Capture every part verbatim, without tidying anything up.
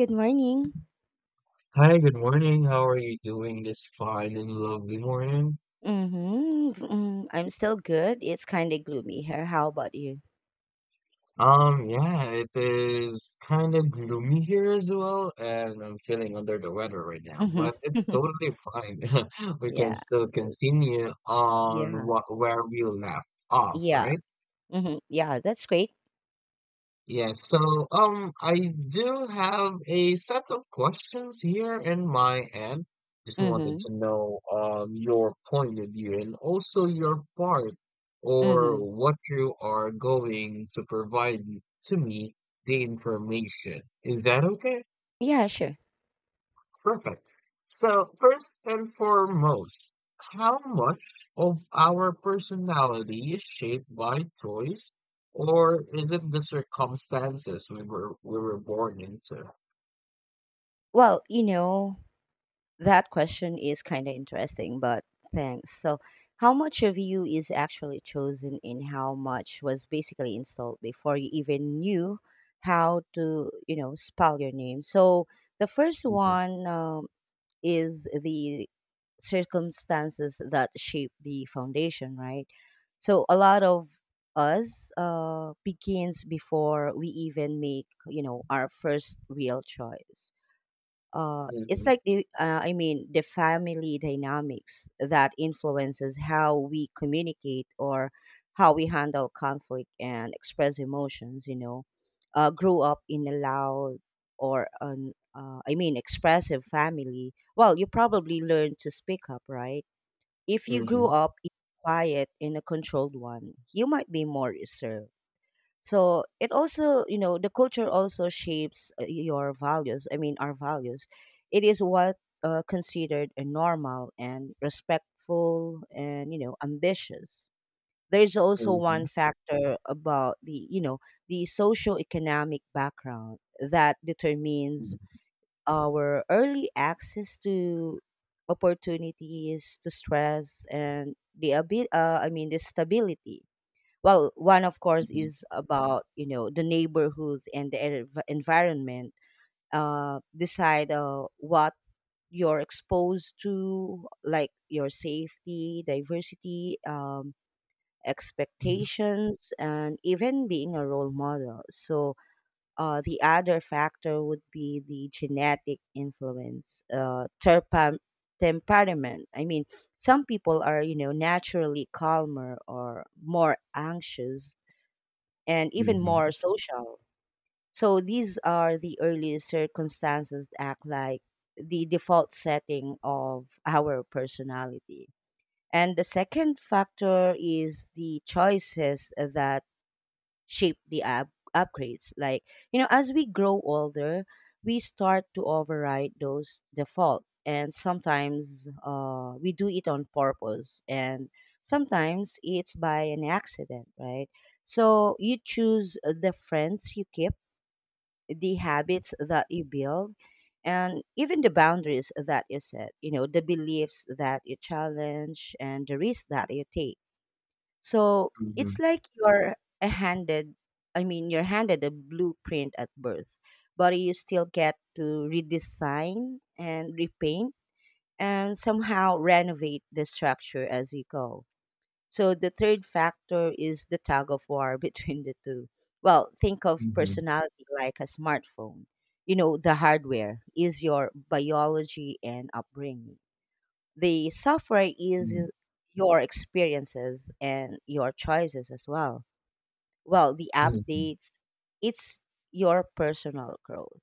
Good morning. Hi, good morning. How are you doing this fine and lovely morning? Mm-hmm. Mm, I'm still good. It's kind of gloomy here. How about you? Um, yeah, it is kind of gloomy here as well, and I'm feeling under the weather right now, Hmm. but it's totally fine. We can Yeah. still continue on Yeah. what where we left off, Yeah. right? hmm Yeah, that's great. Yes, so um, I do have a set of questions here in my end. Just wanted Mm-hmm. to know um your point of view and also your part or Mm-hmm. what you are going to provide to me the information. Is that okay? Yeah, sure. Perfect. So, first and foremost, how much of our personality is shaped by choice, or is it the circumstances we were we were born into? Well, you know, that question is kind of interesting, but thanks. So, how much of you is actually chosen and how much was basically installed before you even knew how to, you know, spell your name? So, the first Mhm, one, um, is the circumstances that shape the foundation, right? So a lot of us uh, begins before we even make you know our first real choice. Uh, it's mhm, like the uh, i mean the family dynamics that influences how we communicate or how we handle conflict and express emotions. You know uh, grew up in a loud or an uh, i mean expressive family, well you probably learn to speak up, right? If you grew mhm, up in a quiet in a controlled one, you might be more reserved. So it also, you know the culture also shapes uh, your values. I mean our values, it is what uh, considered a normal and respectful and you know ambitious. There's also one mhm, factor about the, you know the socio-economic background that determines mhm, our early access to opportunities, to stress, and the abi- uh, I mean the stability. Well, one of course mhm, is about, you know the neighborhood and the env- environment. Uh decide uh, what you're exposed to, like your safety, diversity, um expectations, and even being a role model. So uh, the other factor would be the genetic influence. Uh, terpa- temperament, I mean, some people are, you know naturally calmer or more anxious, and even mhm, more social. So these are the early circumstances that act like the default setting of our personality. And the second factor is the choices that shape the up- upgrades. Like, you know, as we grow older, we start to override those default. And sometimes uh, we do it on purpose, and sometimes it's by an accident, right? So you choose the friends you keep, the habits that you build, and even the boundaries that you set, you know, the beliefs that you challenge, and the risks that you take. So it's mhm, like you're a handed, I mean, you're handed a blueprint at birth, but you still get to redesign and repaint and somehow renovate the structure as you go. So the third factor is the tug of war between the two. Well, think of mhm, mhm, mhm, personality like a smartphone. You know, the hardware is your biology and upbringing, the software is your experiences and your choices as well. Well, the mhm. updates, it's your personal growth.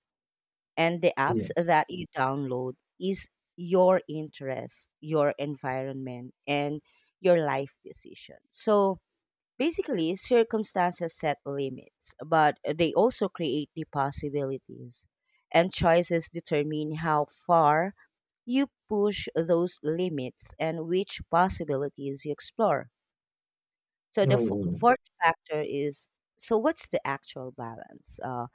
And the apps Yes. that you download is your interest, your environment, and your life decision. So basically, circumstances set limits, but they also create the possibilities, and choices determine how far you push those limits and which possibilities you explore. So the f- Mhm. fourth factor is, so what's the actual balance? Uh,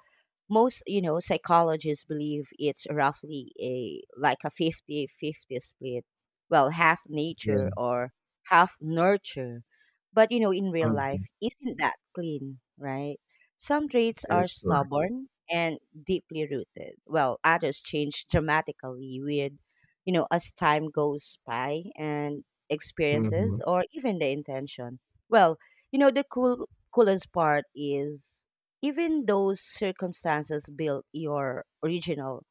most you know psychologists believe it's roughly a like a fifty-fifty split. Well, half Yeah. nature or half nurture, but you know in real life Mhm. isn't that clean, right? Some traits That are is correct. stubborn and deeply rooted, well others change dramatically with, you know as time goes by, and experiences Mhm. or even the intention. Well, you know the cool coolest part is even those circumstances build your original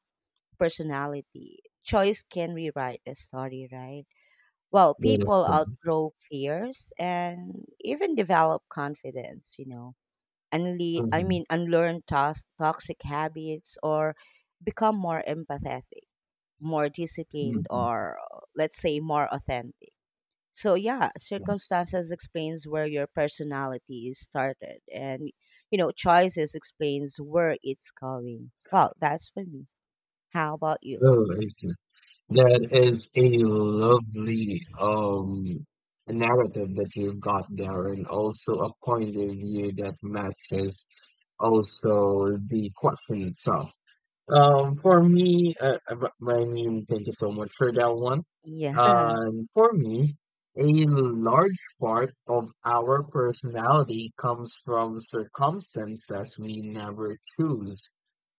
personality. Choice can rewrite the story, right? Well, That is people correct. outgrow fears and even develop confidence, you know, unle- I Mhm, mean, unlearn tos- toxic habits or become more empathetic, more disciplined, mhm. or let's say more authentic. So yeah, Yes. circumstances explains where your personality is started, and you know, choices explains where it's going. Well, that's for me. How about you? Oh, I see. That is a lovely um narrative that you got there, and also a point of view that matches also the question itself. Um, for me, uh, uh, but- I mean, thank you so much for that one. Yeah. Um, for me, a large part of our personality comes from circumstances we never choose.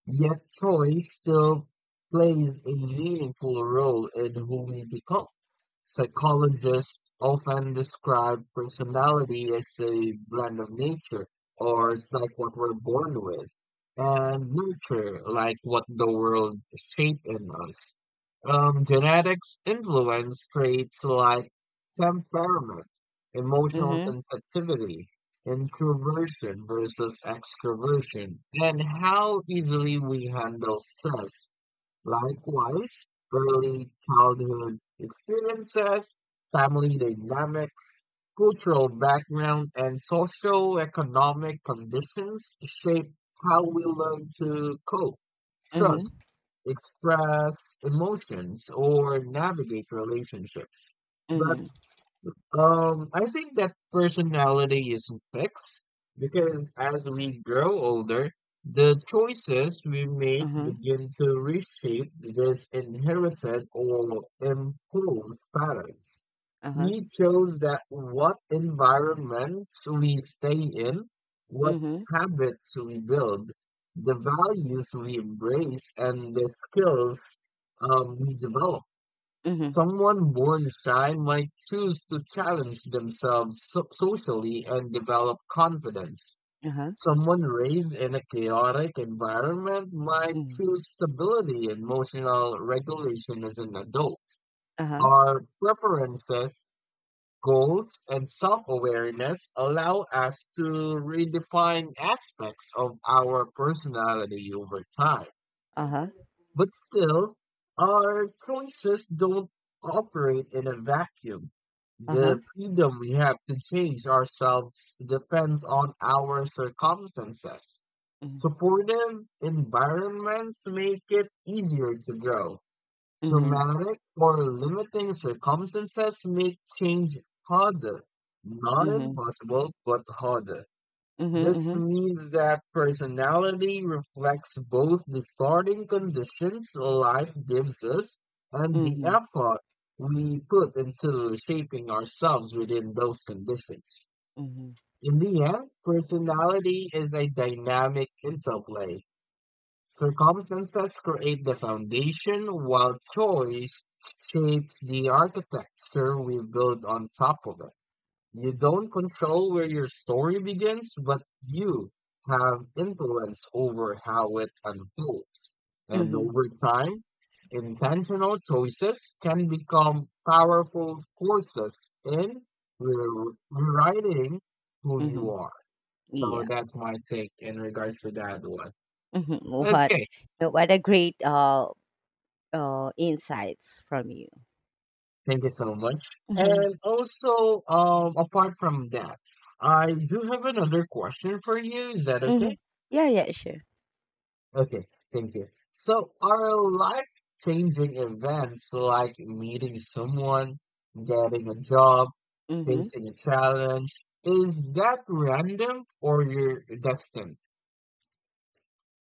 Yet choice still plays a meaningful role in who we become. Psychologists often describe personality as a blend of nature, or it's like what we're born with, and nurture, like what the world shaped in us. Um, genetics influence traits like temperament, emotional Mhm. sensitivity, introversion versus extroversion, and how easily we handle stress. Likewise, early childhood experiences, family dynamics, cultural background, and socio-economic conditions shape how we learn to cope, trust, Mhm. express emotions, or navigate relationships. But Mhm. um, I think that personality isn't fixed because as we grow older, the choices we make Mhm. begin to reshape these inherited or imposed patterns. Uh-huh. We chose that what environments we stay in, what Mhm. habits we build, the values we embrace, and the skills um, we develop. Mhm. Someone born shy might choose to challenge themselves so- socially and develop confidence. Uh-huh. Someone raised in a chaotic environment might Mhm. choose stability and emotional regulation as an adult. Uh-huh. Our preferences, goals, and self awareness allow us to redefine aspects of our personality over time. Uh-huh. But still, our choices don't operate in a vacuum. Uh-huh. The freedom we have to change ourselves depends on our circumstances. Mhm. Supportive environments make it easier to grow. Mhm. Traumatic or limiting circumstances make change harder. Not Mhm. impossible, but harder. This Mhm. means that personality reflects both the starting conditions life gives us and the Mhm. effort we put into shaping ourselves within those conditions. Mhm. Mhm. In the end, personality is a dynamic interplay. Circumstances create the foundation, while choice shapes the architecture we build on top of it. You don't control where your story begins, but you have influence over how it unfolds. And Mhm. over time, intentional choices can become powerful forces in re- rewriting who you Mhm. are. So Yeah. that's my take in regards to that one. Mhm. What Okay, you know, What a great uh uh insights from you. thank you so much. And also, um, apart from that, I do have another question for you. Is that okay? Mhm. Yeah, yeah, sure. Okay, thank you. So, are life-changing events like meeting someone, getting a job, Hmm. facing a challenge, is that random or you're destined?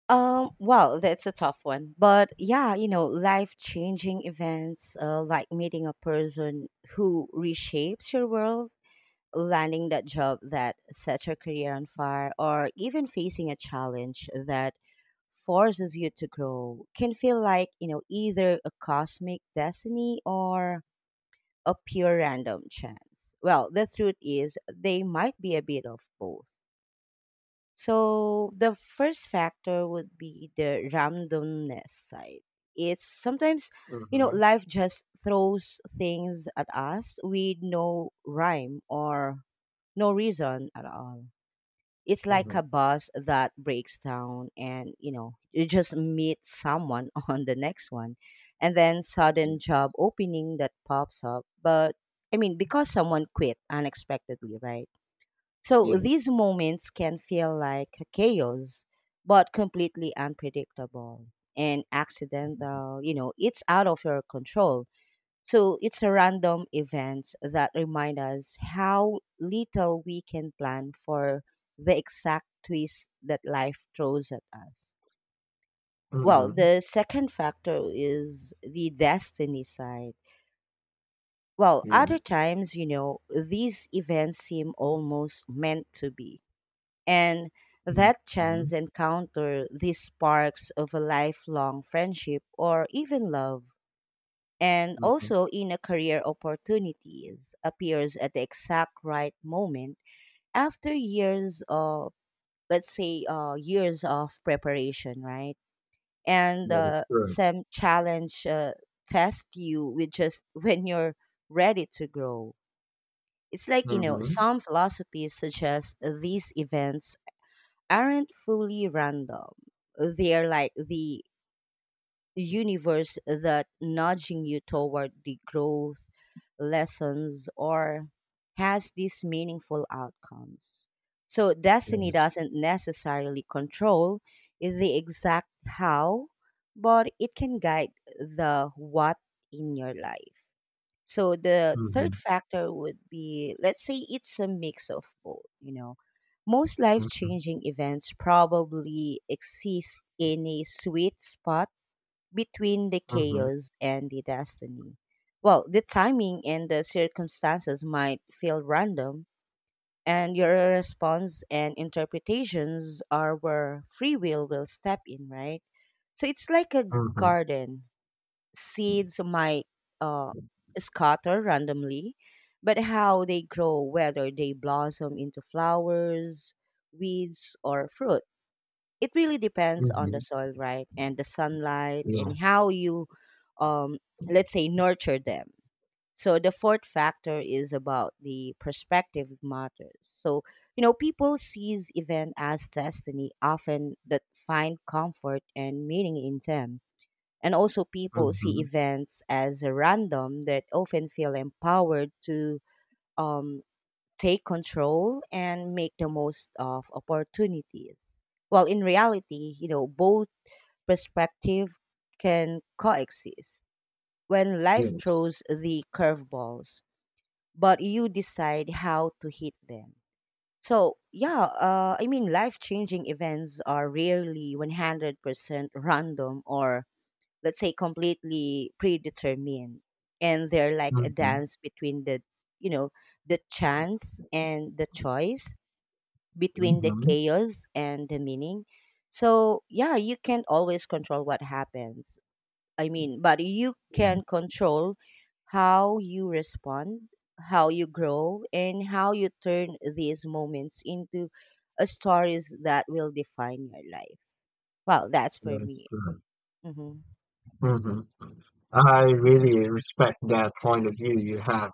Um, well, that's a tough one. But yeah, you know, life changing events uh, like meeting a person who reshapes your world, landing that job that sets your career on fire, or even facing a challenge that forces you to grow, can feel like, you know, either a cosmic destiny or a pure random chance. Well, the truth is, they might be a bit of both. So the first factor would be the randomness side. It's sometimes, you know, Mm-hmm. life just throws things at us with no rhyme or no reason at all. It's like Mm-hmm. a bus that breaks down and, you know, you just meet someone on the next one, and then sudden job opening that pops up. But I mean, because someone quit unexpectedly, right? So Yeah. these moments can feel like chaos, but completely unpredictable and accidental. You know, it's out of your control. So it's a random events that remind us how little we can plan for the exact twist that life throws at us. Well, Mm-hmm. the second factor is the destiny side. Well, Yeah. other times, you know, these events seem almost meant to be. And that Mm-hmm. chance encounter, these sparks of a lifelong friendship or even love, and Mm-hmm. also in a career opportunities, appears at the exact right moment after years of, let's say, uh, years of preparation, right? And That is uh, true. some challenge uh, test you with just when you're ready to grow. It's like, you know, Mm-hmm. some philosophies suggest these events aren't fully random. They're like the universe that nudging you toward the growth, lessons, or has these meaningful outcomes. So That destiny is. doesn't necessarily control the exact how, but it can guide the what in your life. So the Mm-hmm. third factor would be, let's say it's a mix of both, you know. Most life Mm-hmm. changing events probably exist in a sweet spot between the Mm-hmm. chaos and the destiny. Well, the timing and the circumstances might feel random, and your response and interpretations are where free will will step in, right? So it's like a Mm-hmm. garden, seeds might uh, scatter randomly, but how they grow, whether they blossom into flowers, weeds, or fruit, it really depends on the Mm-hmm. soil, right? And the sunlight and Yes. how you, um, let's say, nurture them. So the fourth factor is about the perspective matters. So, you know, people sees event as destiny often that find comfort and meaning in them. And also, people see Mm-hmm. events as random that often feel empowered to um, take control and make the most of opportunities. While in reality, you know, both perspective can coexist. When life Yes. throws the curveballs, but you decide how to hit them. So yeah, uh, I mean, life-changing events are rarely one hundred percent random or let's say completely predetermined, and they're like a Mm-hmm. dance between the, you know the chance and the choice, between the Mm-hmm. chaos and the meaning. So yeah, you can't always control what happens. I mean, but you can Yes. control how you respond, how you grow, and how you turn these moments into a stories that will define your life. Wow, that's for That is me. true. Hmm. Mm-hmm. I really respect that point of view you have.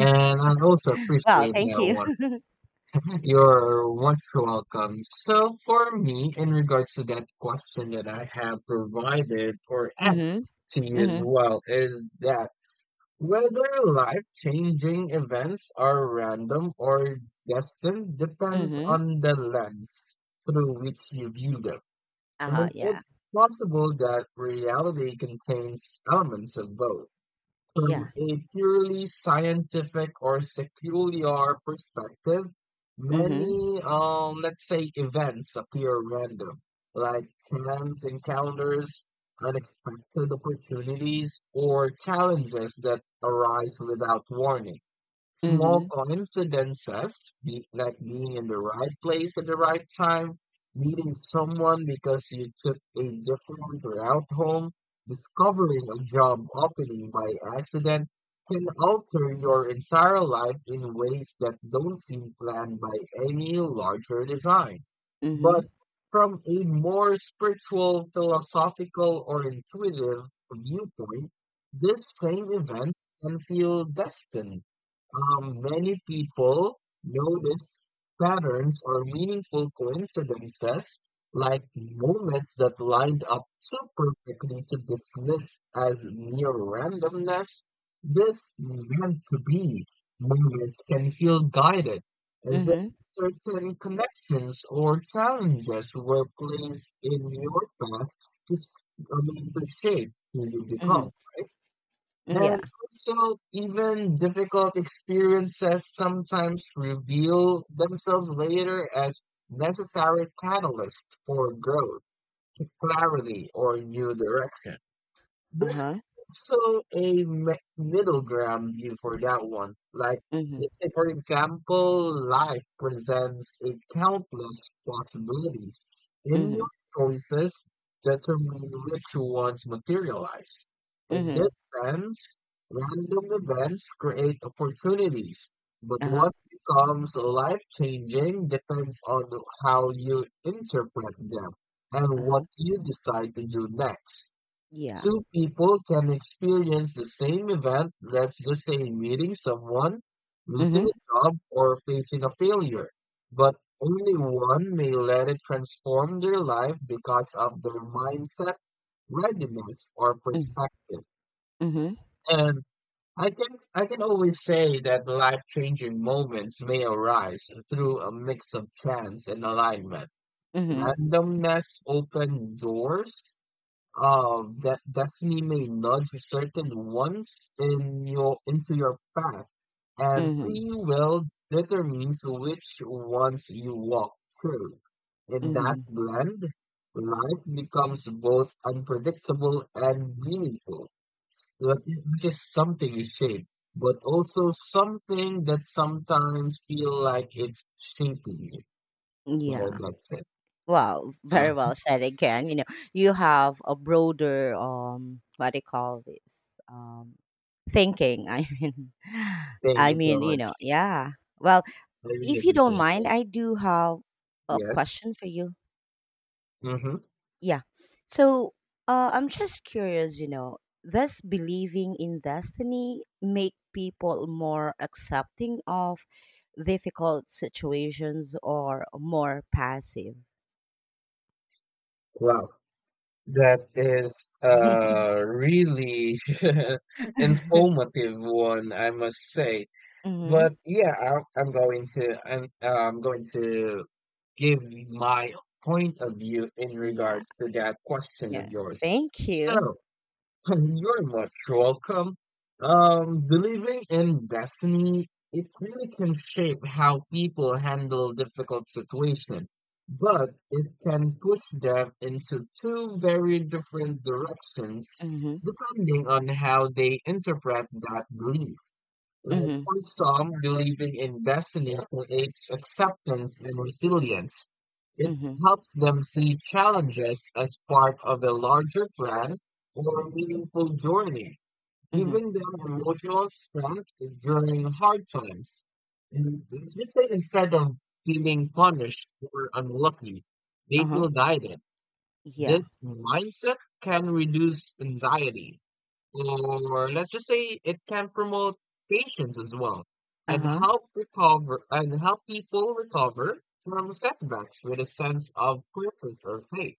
And I also Well, appreciate thank that you. one. You're much welcome. So, for me, in regards to that question that I have provided or asked Mhm, to you as mhm, well, is that whether life changing events are random or destined depends mhm. on the lens through which you view them. Uh-huh, And yeah. it's possible that reality contains elements of both. From Yeah. a purely scientific or secular perspective, Mhm, many, um, let's say, events appear random, like chance encounters, unexpected opportunities, or challenges that arise without warning. Small mhm, coincidences, be, like being in the right place at the right time, meeting someone because you took a different route home, discovering a job opening by accident, can alter your entire life in ways that don't seem planned by any larger design. But mhm, from a more spiritual, philosophical, or intuitive viewpoint, this same event can feel destined. Um, many people notice patterns or meaningful coincidences, like moments that lined up so perfectly to dismiss as mere randomness. This meant to be moments can feel guided, as if mhm, certain connections or challenges were placed in your path to, s- I mean, to shape who you become, mhm. right? Mm, yeah. And also, even difficult experiences sometimes reveal themselves later as necessary catalysts for growth, clarity, or new direction. Uh-huh. Also a mi- middle ground view for that one. Like, Mhm, let's say, for example, life presents a countless possibilities, and your mhm, choices determine which ones materialize. In this mhm. sense, random events create opportunities, but Uh-huh, what becomes life changing depends on how you interpret them and uh-huh. what you decide to do next. Yeah. Two people can experience the same event, let's just say meeting someone, losing Mhm, a job, or facing a failure, but only one may let it transform their life because of their mindset, readiness, or mm, perspective. mhm, And I can I can always say that life-changing moments may arise through a mix of chance and alignment. mhm, Randomness open doors uh, that destiny may nudge certain ones in your into your path, and mhm, free will determines which ones you walk through. In that mhm. blend, life becomes both unpredictable and meaningful, s- what- which is something you shape, but also something that sometimes feel like it's shaping you. So Yeah. that's it. Well, Uh, very well said again. You know, you have a broader um what do you call this? Um thinking. I mean Thank I you so mean, you much. know, yeah. Well, I really if you don't appreciate mind, it. I do have a Yes. question for you. Hmm. Yeah. So uh, I'm just curious, you know, does believing in destiny make people more accepting of difficult situations or more passive? Wow, that is a really informative one, I must say. Hmm. But yeah, I I'm going to I'm, uh, I'm going to give my point of view in Yeah. regards to that question of Yeah. yours. Thank you. So, you're much welcome. Um, believing in destiny, it really can shape how people handle difficult situations, but it can push them into two very different directions Mm-hmm. depending on how they interpret that belief. Like Mm-hmm. for some, believing in destiny creates acceptance and resilience. It Mm-hmm. helps them see challenges as part of a larger plan or a meaningful journey, Mm-hmm. giving them emotional strength during hard times. And it's just that instead of feeling punished or unlucky, they Uh-huh. feel guided. Yeah. This mindset can reduce anxiety or let's just say it can promote patience as well and Uh-huh. help recover and help people recover from setbacks with a sense of purpose or faith.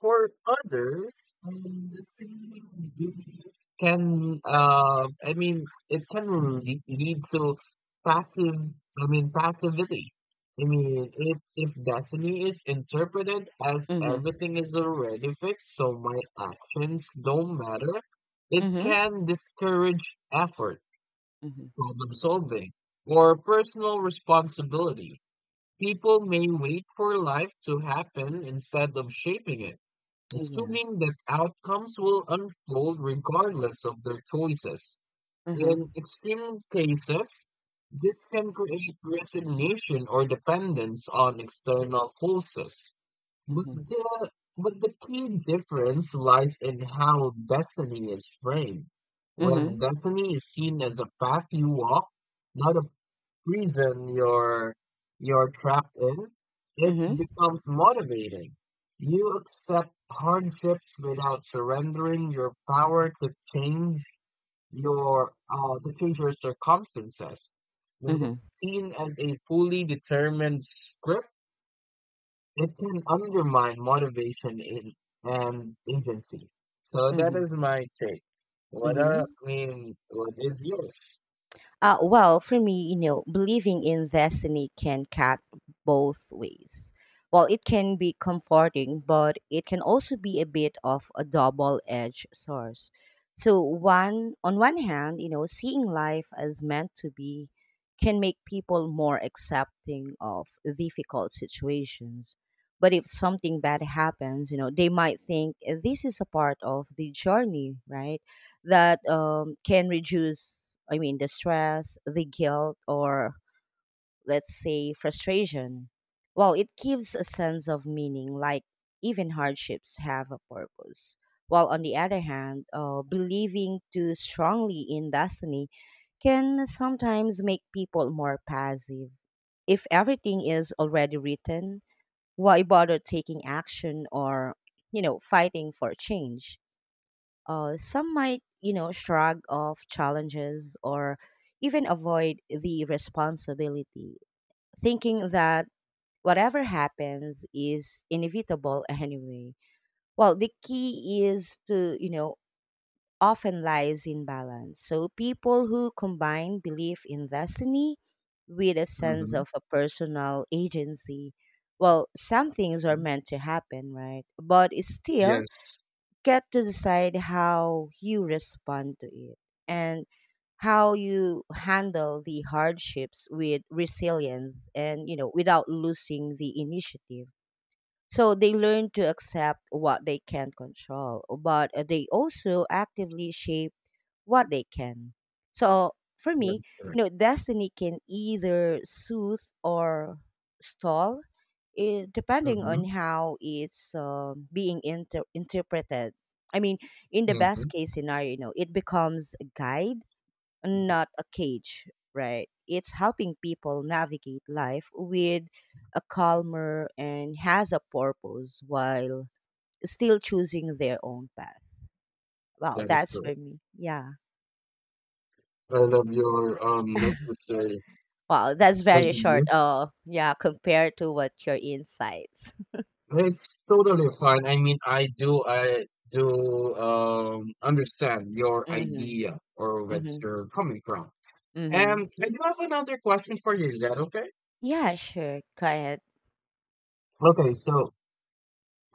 For others, um, the same belief can, uh, I mean, it can lead, lead to passive, I mean, passivity. I mean, if, if destiny is interpreted as Mm-hmm. everything is already fixed, so my actions don't matter, it Mm-hmm. can discourage effort, Mm-hmm. problem solving, or personal responsibility. People may wait for life to happen instead of shaping it Yeah. assuming that outcomes will unfold regardless of their choices. Uh-huh. In extreme cases, this can create resignation or dependence on external forces. But Mm-hmm. the, but the key difference lies in how destiny is framed. When Mm-hmm. destiny is seen as a path you walk, not a prison you're you're trapped in, it Mm-hmm. becomes motivating. You accept hardships without surrendering your power to change your uh, to change your circumstances. When Mhm. it's seen as a fully determined script, it can undermine motivation in and agency. So that Mhm. is my take. What are, Mhm. I mean, what is yours? Uh, well, for me, you know, believing in destiny can cut both ways. Well, it can be comforting, but it can also be a bit of a double-edged source. So, one on one hand, you know, seeing life as meant to be can make people more accepting of difficult situations. But if something bad happens, you know, they might think this is a part of the journey, right? That um, can reduce, I mean, the stress, the guilt, or let's say frustration. Well, it gives a sense of meaning, like even hardships have a purpose. While on the other hand, uh, believing too strongly in destiny can sometimes make people more passive. If everything is already written, why bother taking action or, you know, fighting for change? Uh, some might, you know, shrug off challenges or even avoid the responsibility, thinking that whatever happens is inevitable anyway. Well, the key is to, you know, often lies in balance. So people who combine belief in destiny with a sense Hmm. of a personal agency, well, some things are meant to happen, right? But it's still Yes, get to decide how you respond to it, and how you handle the hardships with resilience and you know without losing the initiative. So they learn to accept what they can control, but uh, they also actively shape what they can. So for me, that's you correct. know destiny can either soothe or stall it, depending Mhm, on how it's um being inter- interpreted. I mean, in the best mhm, case scenario, you know, it becomes a guide, mhm. not a cage, right? It's helping people navigate life with a calmer and has a purpose while still choosing their own path. Wow, That is that's for correct. me. Yeah. I love your um let's just say Wow, that's point very of short. view. Uh, yeah, compared to what your insights. It's totally fine. I mean, I do I do um understand your Mm-hmm. idea or where Mm-hmm. you're coming from. Mm-hmm. And I do have another question for you. Is that okay? Yeah, sure. Go ahead. Okay, so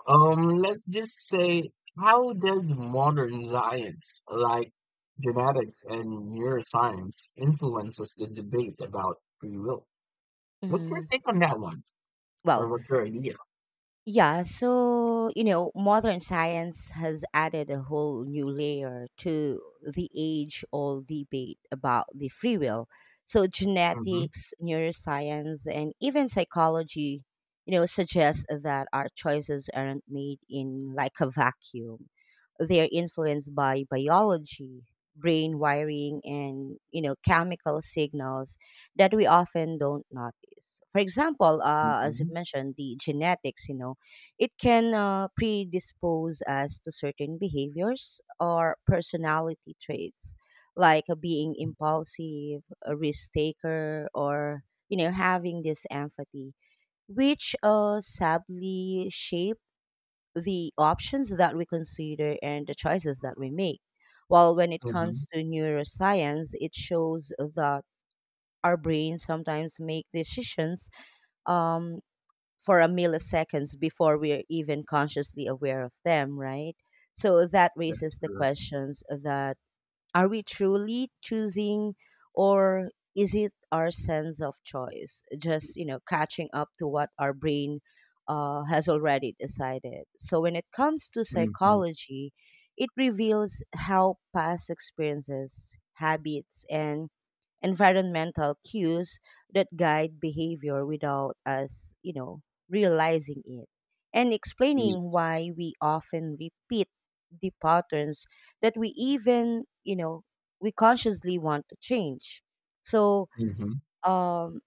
um let's just say how does modern science like genetics and neuroscience influences the debate about free will? What's your Mm, take on that one? Or well, what's your idea? yeah, so you know, modern science has added a whole new layer to the age-old debate about the free will. So Mhm, genetics, neuroscience, and even psychology, you know, suggest that our choices aren't made in like a vacuum. They are influenced by biology, brain wiring, and you know, chemical signals that we often don't notice. For example, uh, as you mhm, mentioned, the genetics, you know it can uh, predispose us to certain behaviors or personality traits, like uh, being m impulsive, a risk taker, or you know having this empathy, which uh, sadly shape the options that we consider and the choices that we make. While when it mhm, comes to neuroscience, it shows that our brains sometimes make decisions um for a milliseconds before we're even consciously aware of them, right? So that that's raises the correct. questions that, are we truly choosing, or is it our sense of choice just you know catching up to what our brain uh, has already decided. So when it comes to Mhm, psychology, it reveals how past experiences, habits, and environmental cues that guide behavior without us, you know, realizing it, and ye explaining why we often repeat the patterns that we even, you know, we consciously want to change. So, mhm, um,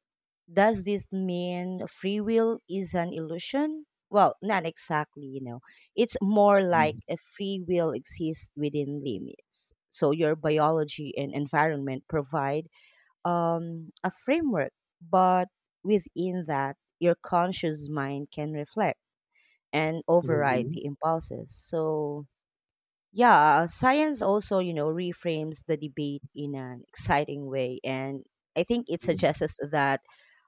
does this mean free will is an illusion? Well, not exactly, you know. It's more like mhm, a free will exists within limits. So, your biology and environment provide um, a framework, but within that, your conscious mind can reflect and override mhm, the impulses. So, yeah, science also, you know, reframes the debate in an exciting way. And I think it suggests that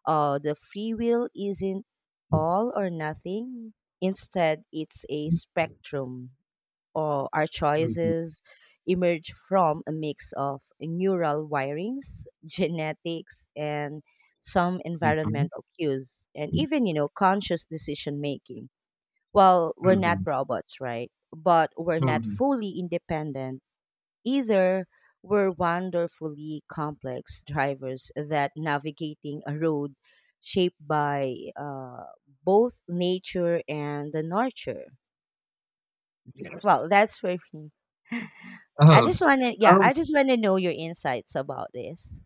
uh, the free will isn't yes. all or nothing. Instead, it's a spectrum or our choices emerge from a mix of neural wirings, genetics, and some Mhm, mhm, environmental cues, and even, you know, conscious decision making. Well, mhm, we're not mhm, robots, right? But we're not mhm, fully independent either. We're wonderfully complex drivers that navigating a road shaped by uh, both nature and the nurture. Well, yes. that's for me. I Oh, just want to, yeah, um I just want to know your insights about this.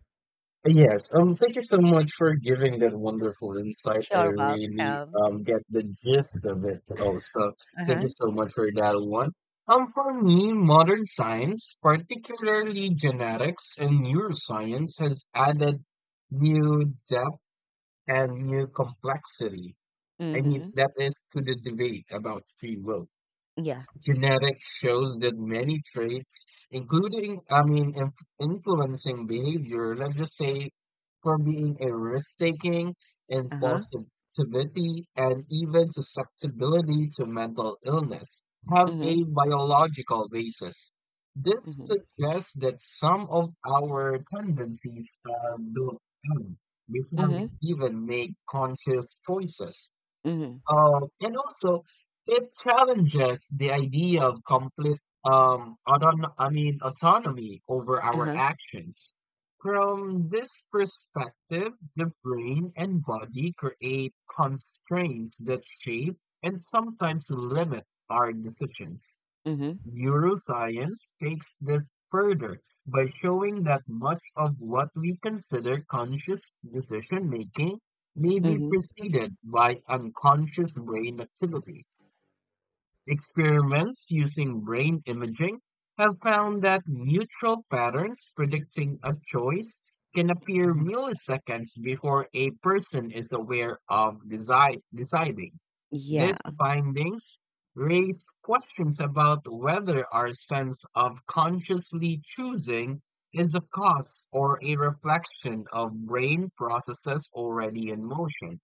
Yes, um, thank you so much for giving that wonderful insight. I Sure, really welcome. um get the gist of it. Oh, so Uh thank huh. you so much for that one. Um, for me, modern science, particularly genetics and neuroscience, has added new depth and new complexity. I mean, Mm-hmm. that is to the debate about free will. Yeah. Genetics shows that many traits, including, I mean, inf influencing behavior, let's just say from being a risk-taking, Uh huh. impulsivity, and even susceptibility to mental illness, have Mm-hmm. a biological basis. This Mm-hmm. suggests that some of our tendencies are built in before we Mm-hmm. even make conscious choices. Mm-hmm. Um, and also, it challenges the idea of complete, um, auton- I mean, autonomy over Uh our huh. actions. From this perspective, the brain and body create constraints that shape and sometimes limit our decisions. Mm-hmm. Neuroscience takes this further by showing that much of what we consider conscious decision making may be Mm-hmm. preceded by unconscious brain activity. Experiments using brain imaging have found that neutral patterns predicting a choice can appear Uh-huh. milliseconds before a person is aware of desi- deciding. Yeah. These findings raise questions about whether our sense of consciously choosing is a cause or a reflection of brain processes already in motion.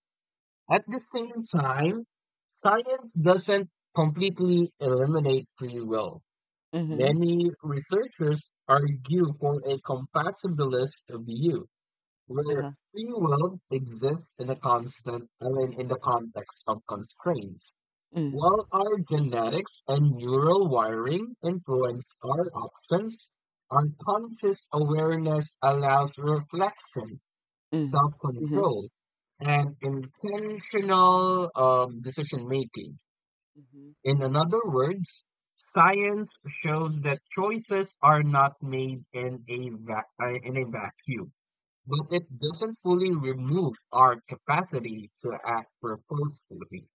At the same time, science doesn't completely eliminate free will. Mm-hmm. Many researchers argue for a compatibilist view, Uh huh. where free will exists in a constant, I mean, in the context of constraints, Mm. while our genetics and neural wiring influence our options. Our conscious awareness allows reflection Mm. Mm-hmm. self-control, and intentional um, decision making. Mm-hmm. In other words, science shows that choices are not made in a vac- uh, in a vacuum, but it doesn't fully remove our capacity to act purposefully.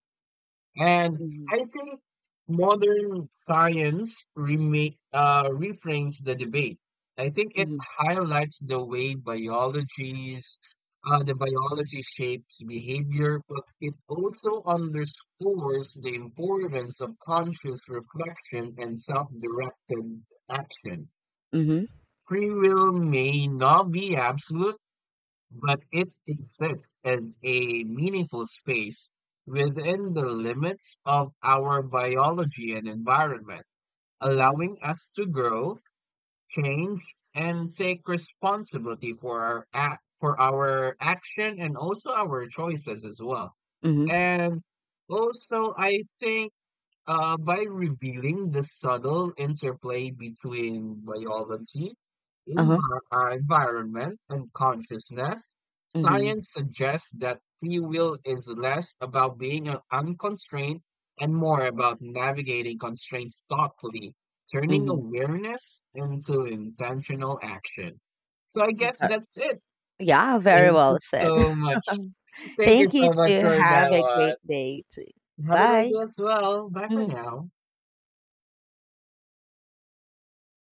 And Mm-hmm. I think modern science rema- uh, reframes the debate. I think it Mm-hmm. highlights the way biologies, uh, the biology shapes behavior, but it also underscores the importance of conscious reflection and self-directed action. Mm-hmm. Free will may not be absolute but it exists as a meaningful space within the limits of our biology and environment, Uh-huh. allowing us to grow, change, and take responsibility for our act, for our action and also our choices as well. Mm-hmm. And also, I think uh, by revealing the subtle interplay between biology, Uh-huh. envi- uh, environment, and consciousness, Mm-hmm. science suggests that free will is less about being uh, unconstrained and more about navigating constraints thoughtfully, turning Mm-hmm. awareness into intentional action. So I guess Ve- that's it. Yeah, very Thank you well said. so much. Thank you Thank you so much to for that have a one. great day. too. Have a great Bye. day as well. Bye for Mhm. now.